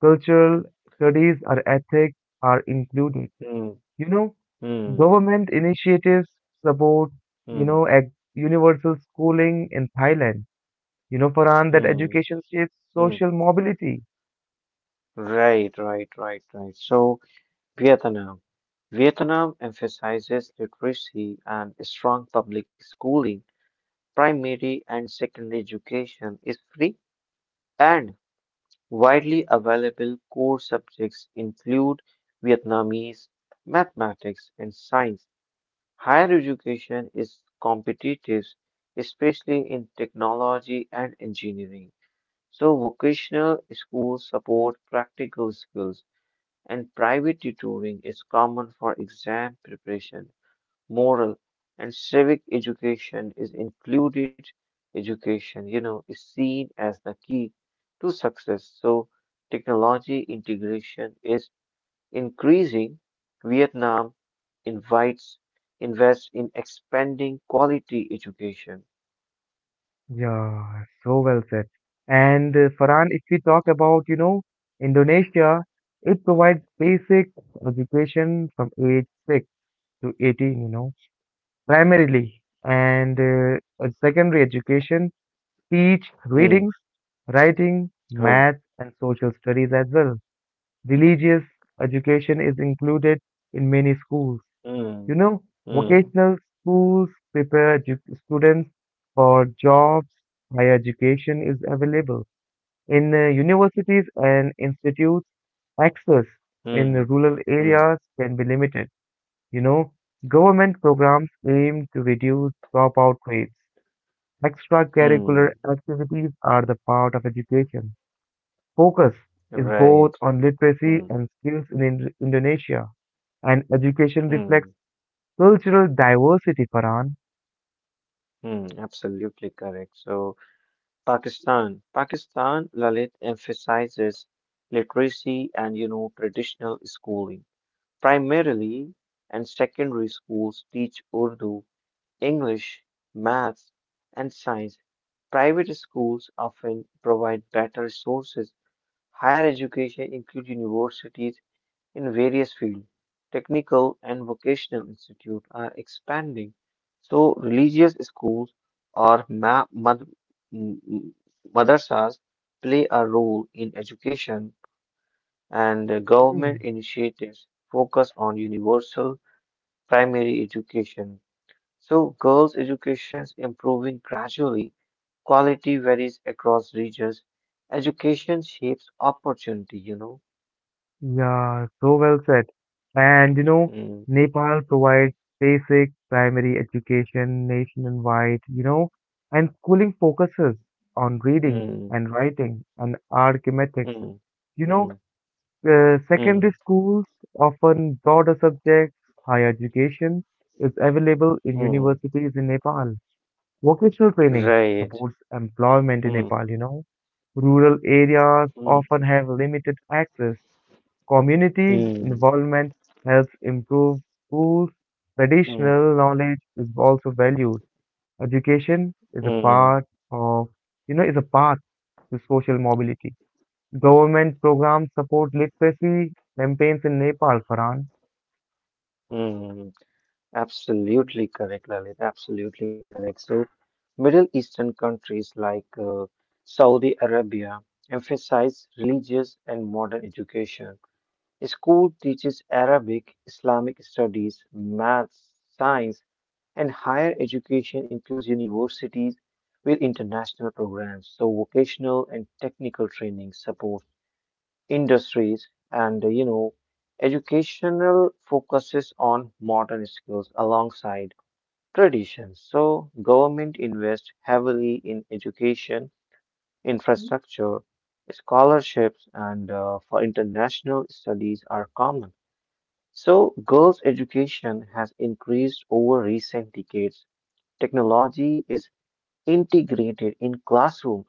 Cultural studies or ethics are included.
hmm,
You know,
hmm,
government initiatives support, you
hmm,
know, universal schooling in Thailand. You know, Farhan, that
hmm,
education shapes
hmm.
social mobility.
Right, right, right, right. So, Vietnam. Vietnam emphasizes literacy and strong public schooling. Primary and secondary education is free and widely available. Core subjects include Vietnamese, mathematics, and science. Higher education is competitive, especially in technology and engineering. So, vocational schools support practical skills and private tutoring is common for exam preparation, moral and civic education is included. Education, you know, is seen as the key to success. So, technology integration is increasing. Vietnam invites invests in expanding quality education.
Yeah, so well said. And Farhan, if we talk about, you know, Indonesia, it provides basic education from age 6 to 18, you know, primarily, and a secondary education teach
Hmm.
readings, writing,
Huh.
math, and social studies as well. Religious education is included in many schools. You
Hmm.
know,
Hmm.
vocational schools prepare students for jobs. Higher education is available in universities and institutes. Access in
Hmm.
rural
Hmm.
areas can be limited. You know, government programs aim to reduce dropout rates.
Hmm.
Extracurricular activities are the part of education. Focus is
Right.
both on
Hmm.
literacy and skills in Indonesia, and education
Hmm.
reflects cultural diversity, Farhan.
Hmm, absolutely correct. So, Pakistan, Lalit emphasizes literacy and you know traditional schooling. Primarily, and secondary schools teach Urdu, English, maths, and science. Private schools often provide better resources. Higher education include universities in various fields. Technical and vocational institutes are expanding, so religious schools or m- m- madrasas play a role in education, and the government
Mm.
initiatives focus on universal primary education. So, girls' education is improving gradually. Quality varies across regions. Education shapes opportunity, you know.
Yeah, so well said. And you know,
Hmm,
Nepal provides basic primary education nationwide, you know, and schooling
hmm,
focuses
hmm,
on reading and writing and
hmm,
arithmetic.
hmm.
You know,
Mm,
secondary schools often broader subjects. Higher education is available in
mm,
universities in Nepal. Vocational training
right.
supports employment in
Mm,
Nepal, you know. Rural areas
mm,
often have limited access. Community
mm,
involvement helps improve schools.
mm,
Traditional knowledge is also valued. Education is a
mm,
part of, you know, is a path to social mobility. Government programs support literacy campaigns in Nepal, Farhan.
mm. Absolutely correct, Lalit. Absolutely correct. So, Middle Eastern countries like Saudi Arabia emphasize religious and modern education. School teaches Arabic, Islamic studies, maths, science, and higher education includes universities with international programs, so vocational and technical training support industries, and you know educational focuses on modern skills alongside traditions, so government invests heavily in education infrastructure, scholarships, and for international studies are common, so girls education has increased over recent decades, technology is integrated in classroom,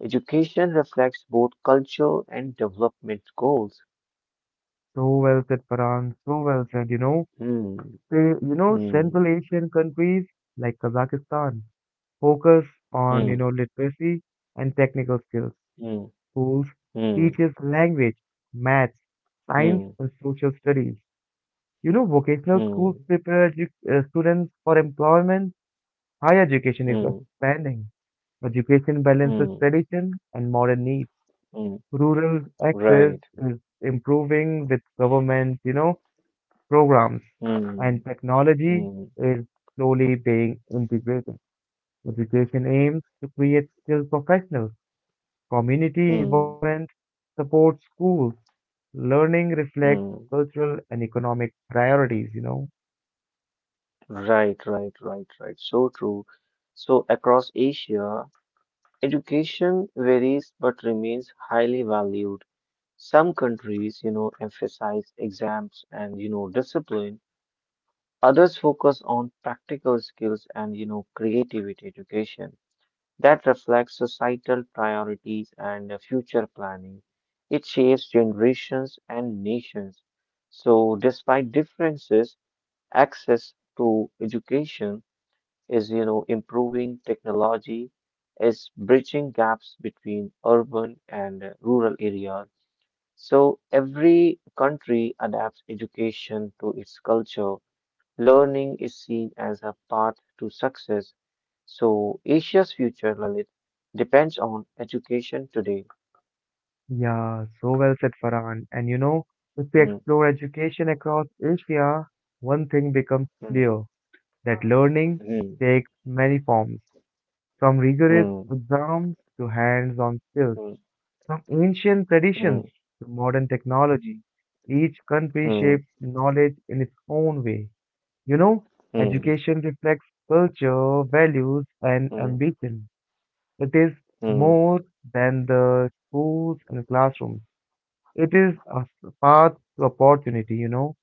education reflects both cultural and development goals.
So well said, Farhan. So well said. You know,
Hmm.
they, you know, Central
Mm,
Asian countries like Kazakhstan focus on, you
mm,
know, literacy and technical skills.
mm,
Schools
mm,
teaches language, maths, science,
mm,
and social studies. You know, vocational schools
mm,
prepare students for employment. Higher education is
mm,
expanding. Education balances
mm,
tradition and modern needs.
mm.
Rural access
Right.
is improving with government, you know, programs, and
Mm,
technology
mm,
is slowly being integrated. Education aims to create skilled professionals. Community
mm,
involvement supports schools. Learning reflects
mm.
cultural and economic priorities, you know.
Right, right, right, right. So true. So, across Asia, education varies but remains highly valued. Some countries, you know, emphasize exams and, you know, discipline. Others focus on practical skills and, you know, creativity education that reflects societal priorities and future planning. It shapes generations and nations. So, despite differences, access to education is, you know, improving, technology is bridging gaps between urban and rural areas. So, every country adapts education to its culture. Learning is seen as a path to success. So, Asia's future, Lalit, depends on education today.
Yeah, so well said, Farhan. And you know, if we
Mm,
explore education across Asia, one thing becomes
mm,
clear that learning
mm,
takes many forms, from rigorous
mm,
exams to hands on skills,
mm,
from ancient
mm,
traditions to modern technology. Each country
mm,
shapes knowledge in its own way. You know,
mm,
education reflects culture, values, and
mm,
ambition. It is
mm,
more than the schools and classrooms. It is a path to opportunity, you know,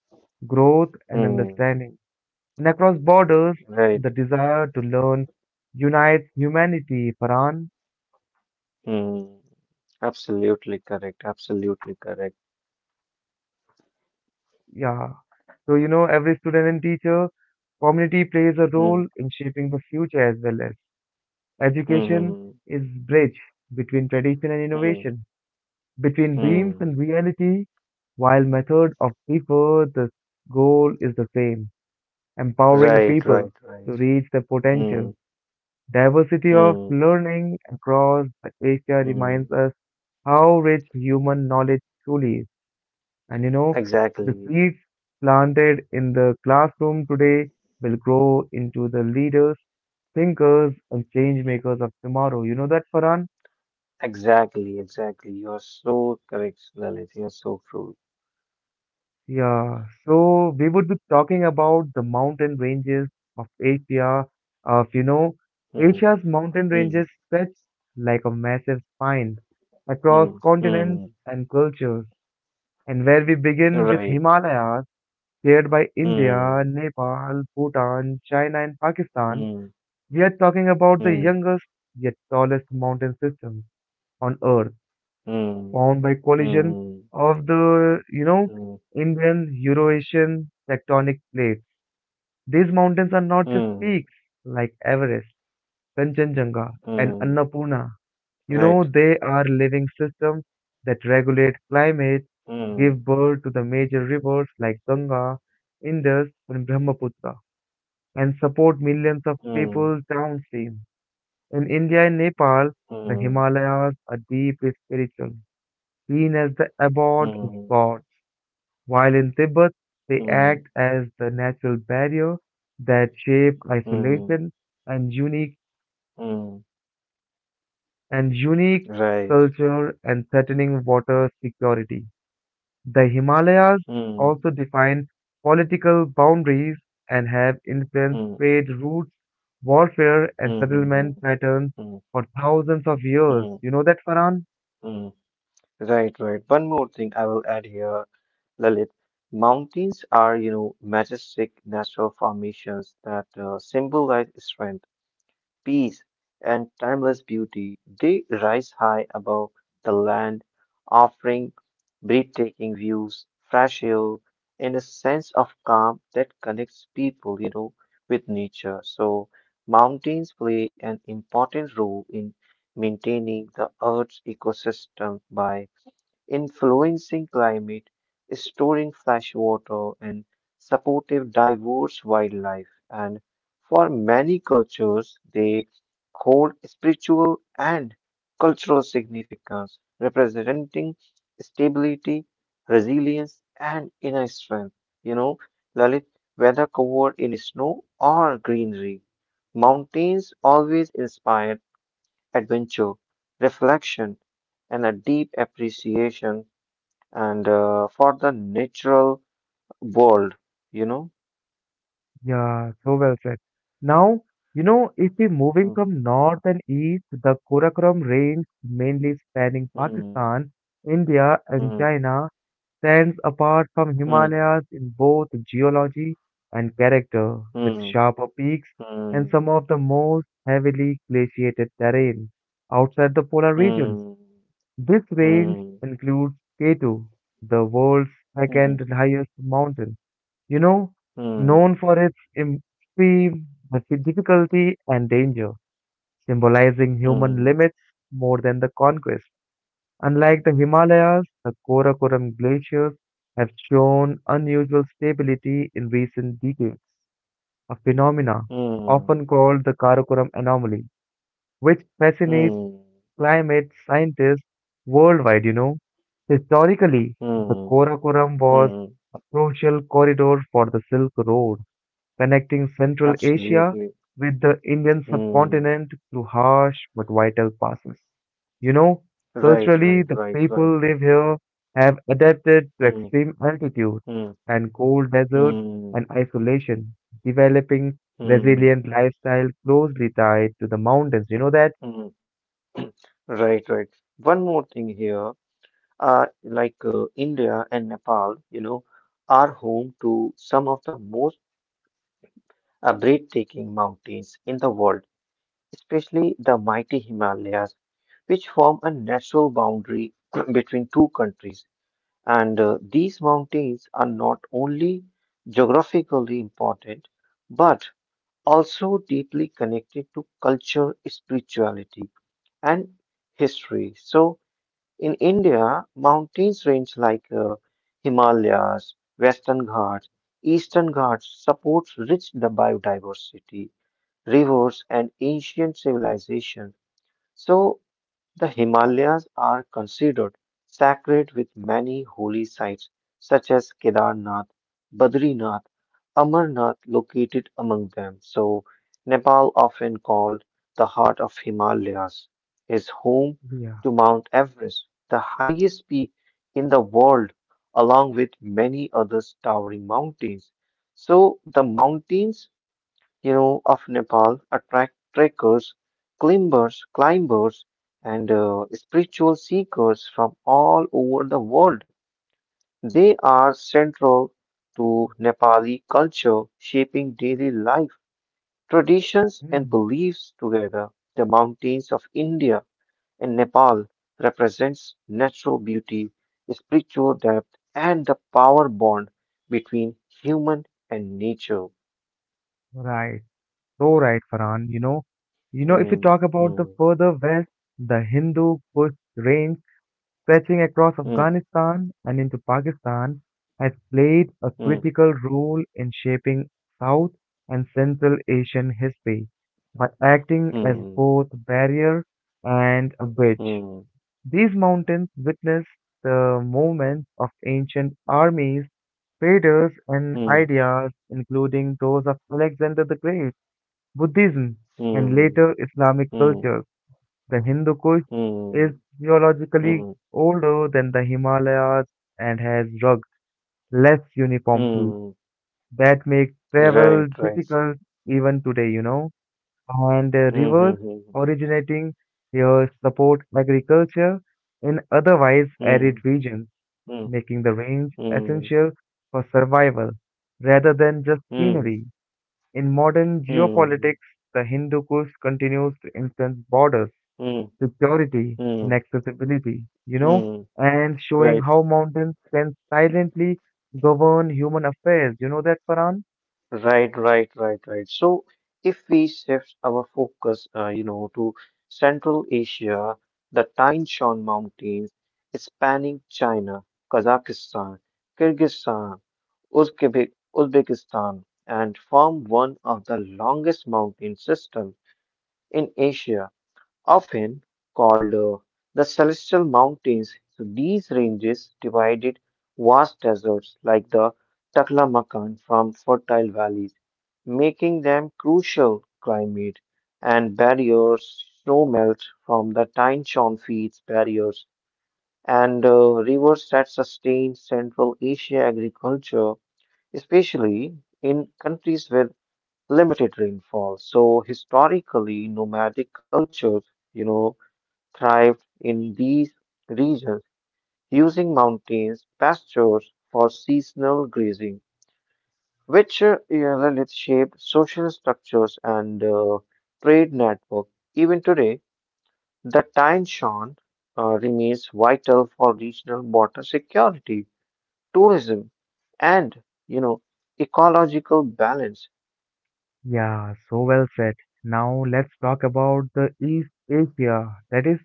growth and
mm.
understanding. And across borders,
Right.
the desire to learn unites humanity, Paran.
Mm. Absolutely correct. Absolutely correct.
Yeah. So, you know, every student and teacher community plays a role
Mm,
in shaping the future as well. As education
mm,
is bridge between tradition and
mm,
innovation, between dreams and
mm.
reality, while method of differ, the goal is the same: empowering
Right,
people
right,
to
right.
reach their potential.
Mm,
Diversity of
mm,
learning across the Asia reminds
mm.
us how rich human knowledge truly is. And you know, the
Exactly.
seeds planted in the classroom today will grow into the leaders, thinkers, and change makers of tomorrow. You know that, Farhan?
Exactly, exactly. You are so correct, Lalit. You are so true.
Yeah, so we would be talking about the mountain ranges of Asia, of you know,
Mm,
Asia's mountain
mm,
ranges stretch like a massive spine across
mm,
continents
mm.
and cultures. And where we begin with
Right.
Himalayas, shared by India,
Mm,
Nepal, Bhutan, China, and Pakistan,
mm.
we are talking about the
mm.
youngest yet tallest mountain system on Earth,
Mm,
formed by collision
mm,
of the, you know,
mm,
Indian Eurasian tectonic plates. These mountains are not just
mm,
peaks like Everest, Kanchenjunga, and
mm,
Annapurna. You know,
right.
they are living systems that regulate climate, give
Mm,
birth to the major rivers like Ganga, Indus, and Brahmaputra, and support millions of people
mm,
downstream. In India and Nepal, the
mm,
Himalayas are deeply spiritual, seen as the abode of
mm,
God. While in Tibet, they act
mm,
as the natural barrier that shape
mm,
isolation and
mm,
unique
right.
culture and threatening water security. The Himalayas
Mm,
also define political boundaries and have influenced
mm,
trade routes, warfare, and
mm, mm, mm,
settlement patterns
mm,
for thousands of years.
mm,
You know that, Farhan?
mm. Right, right. One more thing I will add here, Lalit. Mountains are, you know, majestic natural formations that symbolize strength, peace, and timeless beauty. They rise high above the land, offering breathtaking views, fresh air, and a sense of calm that connects people, you know, with nature. So, mountains play an important role in maintaining the Earth's ecosystem by influencing climate, storing fresh water, and supportive diverse wildlife. And for many cultures, they hold spiritual and cultural significance, representing stability, resilience, and inner strength. You know, Lalit, whether covered in snow or greenery, mountains always inspire adventure, reflection, and a deep appreciation and for the natural world, you know.
Yeah, so well said. Now, you know, if we're moving
Mm,
from north and east, the Karakoram range, mainly spanning
mm,
Pakistan, India, and
mm,
China, stands apart from
mm,
Himalayas in both geology and character, with
mm,
sharper peaks
mm,
and some of the most heavily glaciated terrain outside the polar regions.
mm,
This range
mm,
includes K2, the world's
mm,
second highest mountain you know, known
mm,
for its extreme difficulty and danger, symbolizing human
mm,
limits more than the conquest. Unlike the Himalayas, the Karakoram glaciers have shown unusual stability in recent decades, a phenomena often
mm,
called the Karakoram anomaly, which fascinates
mm,
climate scientists worldwide. Historically, the
mm,
Karakoram was
mm.
a crucial corridor for the Silk Road connecting Central Asia
Absolutely.
with the Indian
Mm.
subcontinent through harsh but vital passes. You know,
Right, right,
culturally, the
right, right,
people
right.
live here have adapted to
Mm,
extreme altitude
mm,
and cold desert
mm,
and isolation, developing
mm,
resilient lifestyle closely tied to the mountains. You know that?
mm. Right, right. One more thing here. Like India and Nepal, you know, are home to some of the most breathtaking mountains in the world, especially the mighty Himalayas, which form a natural boundary between two countries. And these mountains are not only geographically important, but also deeply connected to culture, spirituality, and history. So, in India, mountains range like Himalayas, Western Ghats, Eastern Ghats supports rich the biodiversity, rivers, and ancient civilization. So, the Himalayas are considered sacred with many holy sites such as Kedarnath, Badrinath, Amarnath located among them. So, Nepal, often called the heart of Himalayas, is home
Yeah.
to Mount Everest, the highest peak in the world, along with many other towering mountains. So, the mountains you know, of Nepal attract trekkers, climbers, and spiritual seekers from all over the world. They are central to Nepali culture, shaping daily life, traditions, and
Mm.
beliefs together. The mountains of India and Nepal represents natural beauty, spiritual depth, and the power bond between human and nature.
Right. So right, Farhan. If you
Hmm,
talk about the
hmm,
further west, the Hindu Kush range stretching across
hmm,
Afghanistan and into Pakistan, has played a
hmm.
critical role in shaping South and Central Asian history by acting as
Hmm.
both barrier and a bridge.
Hmm.
These mountains witnessed the movements of ancient armies, traders, and
Hmm.
ideas, including those of Alexander the Great, Buddhism, and
Hmm.
later Islamic
Hmm.
cultures. The Hindu Kush
Hmm.
is
Hmm.
geologically older than the Himalayas and has rugged less uniformity.
Hmm.
That makes travel
right Right.
difficult even today. And rivers
Hmm.
originating here support agriculture in otherwise
Hmm.
arid regions,
Hmm.
making the range
Hmm.
essential for survival rather than just
Hmm. Hmm.
scenery. In modern
Hmm.
geopolitics, the Hindu Kush continues to influence borders
Hmm.
to purity and accessibility,
うんうんうんうんうんうんうんうんうんright
and showing how mountains can silently govern human affairs. You know that, Paran?
right right right right Right. So, if we shift our focus you know to Central Asia, the Taishan Mountains spanning China, Kazakhstan, Kyrgyzstan, Uzbekistan and form one of the longest mountain system in Asia, often called the Celestial Mountains. So, these ranges divided vast deserts like the Taklamakan from fertile valleys, making them crucial climate and barriers. Snow melt from the Tain Shan feeds barriers and rivers that sustain Central Asia agriculture especially in countries with limited rainfall. So, historically, nomadic cultures, you know, thrived in these regions using mountains, pastures for seasonal grazing, which it shaped social structures and trade network. Even today, the Taishan remains vital for regional water security, tourism, and you know ecological balance.
Yeah, so well said. Now let's talk about the East Asia. That is,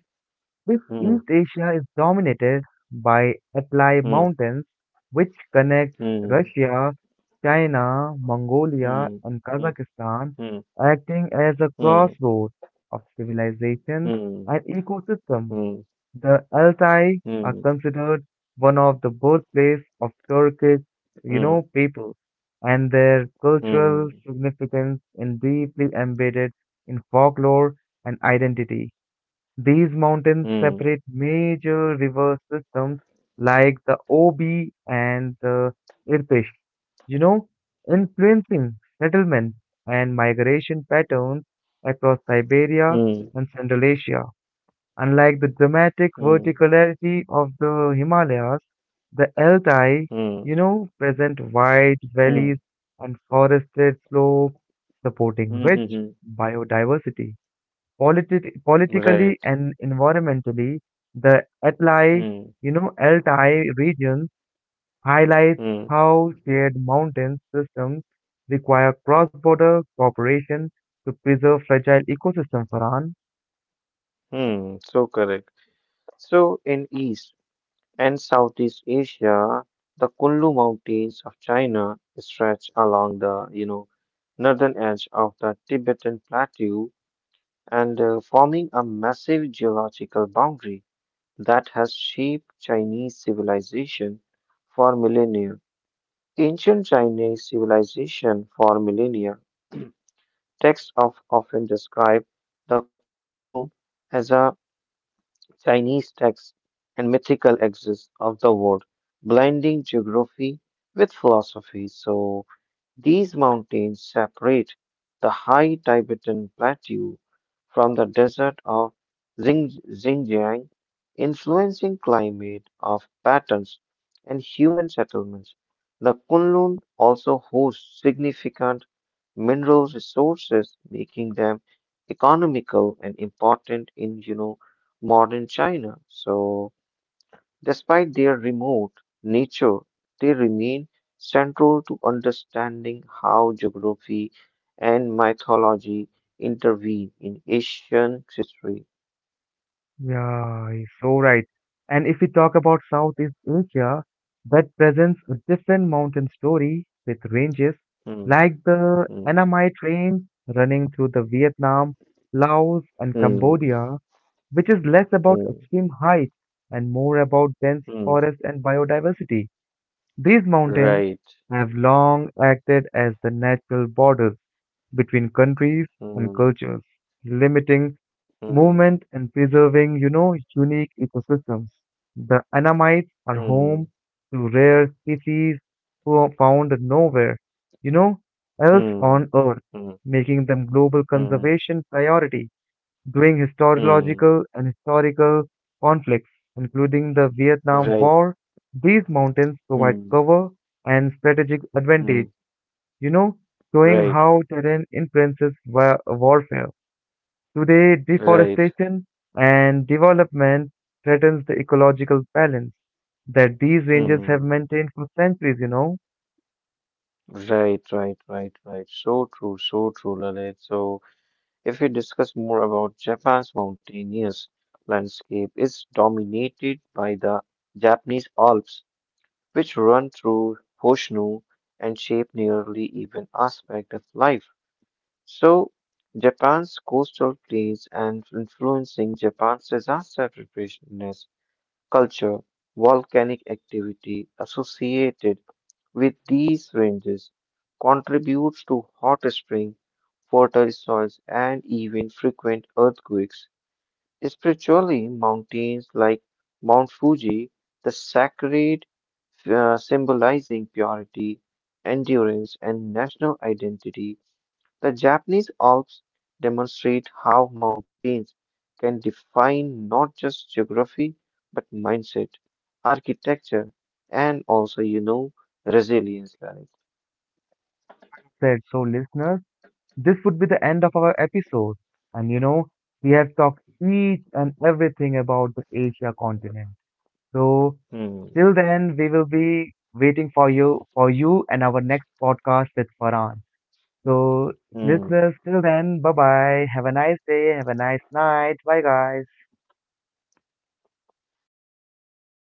this
Hmm.
East Asia is dominated by Altai
Hmm.
Mountains, which connect
Hmm.
Russia, China, Mongolia,
Hmm.
and
Hmm.
Kazakhstan,
Hmm.
acting as a crossroad of civilization
Hmm.
and ecosystem.
Hmm.
The Altai are
Hmm.
considered one of the birthplace of Turkic,
Hmm.
people, and their cultural
Hmm.
significance is deeply embedded in folklore and identity. These
Hmm.
mountains
Hmm.
separate major river systems like the Obi and the Irtysh, you know, influencing settlement and migration patterns across Siberia
Hmm. Hmm.
and Central Asia. Unlike the dramatic
Hmm.
verticality of the Himalayas, the Altai,
Hmm.
present wide
Hmm.
valleys and forested slopes supporting
Mhm.
rich
Hmm.
biodiversity. Politically
Right.
and environmentally, the Altai,
Hmm.
you know, Altai region highlights
Hmm.
how shared mountain systems require cross-border cooperation to preserve fragile ecosystems, Farhan.
Hmm. So correct. So, in East and Southeast Asia, the Kunlun Mountains of China stretch along the, you know, northern edge of the Tibetan Plateau and forming a massive geological boundary that has shaped Chinese civilization for millennia. Ancient Chinese civilization for millennia. Texts of often describe the Kunlun as a Chinese text and mythical axis of the world, blending geography with philosophy. So, these mountains separate the high Tibetan plateau from the desert of Xinjiang, influencing climate of patterns and human settlements. The Kunlun also hosts significant mineral resources, making them economical and important in you know modern China. So, despite their remote nature, they remain central to understanding how geography and mythology intervene in Asian history.
Yeah, he's so right. And if we talk about Southeast Asia, that presents a different mountain story with ranges
Hmm,
like the
hmm,
Annamite range running through the Vietnam, Laos, and
hmm,
Cambodia, which is less about
hmm,
extreme heights and more about dense
hmm,
forests and biodiversity. These
right.
mountains have long acted as the natural borders between countries and
Hmm,
cultures, limiting
hmm,
movement and preserving, unique ecosystems. The Anamites are
hmm,
home to rare species found nowhere, you know, else
hmm,
on Earth,
hmm,
making them global
hmm,
conservation priority during
hmm,
historiological and historical conflicts, including the Vietnam
right.
War. These mountains provide
Hmm,
cover and strategic
hmm,
advantage, you know, showing
right,
how terrain influences warfare. Today,
right.
deforestation and development threatens the ecological balance that these
Hmm,
ranges have maintained for centuries.
right, right, right, right. So true, Lalit. So. If we discuss more about Japan's mountainous landscape, it's dominated by the Japanese Alps, which run through Hoshino and shape nearly even aspect of life. So, Japan's coastal plains and influencing Japan's disaster preparedness culture, volcanic activity associated with these ranges contributes to hot spring, fertile soils, and even frequent earthquakes. Spiritually, mountains like Mount Fuji, the sacred, symbolizing purity, endurance, and national identity, the Japanese Alps demonstrate how mountains can define not just geography but mindset, architecture, and also, you know, resilience, Lalit.
Said so, listeners, this would be the end of our episode. And we have talked each and everything about the Asia continent. So
嗯
till then, we will be waiting for you and our next podcast with Farhan. So
嗯，
listeners, till then, bye bye. Have a nice day. Have a nice night. Bye guys.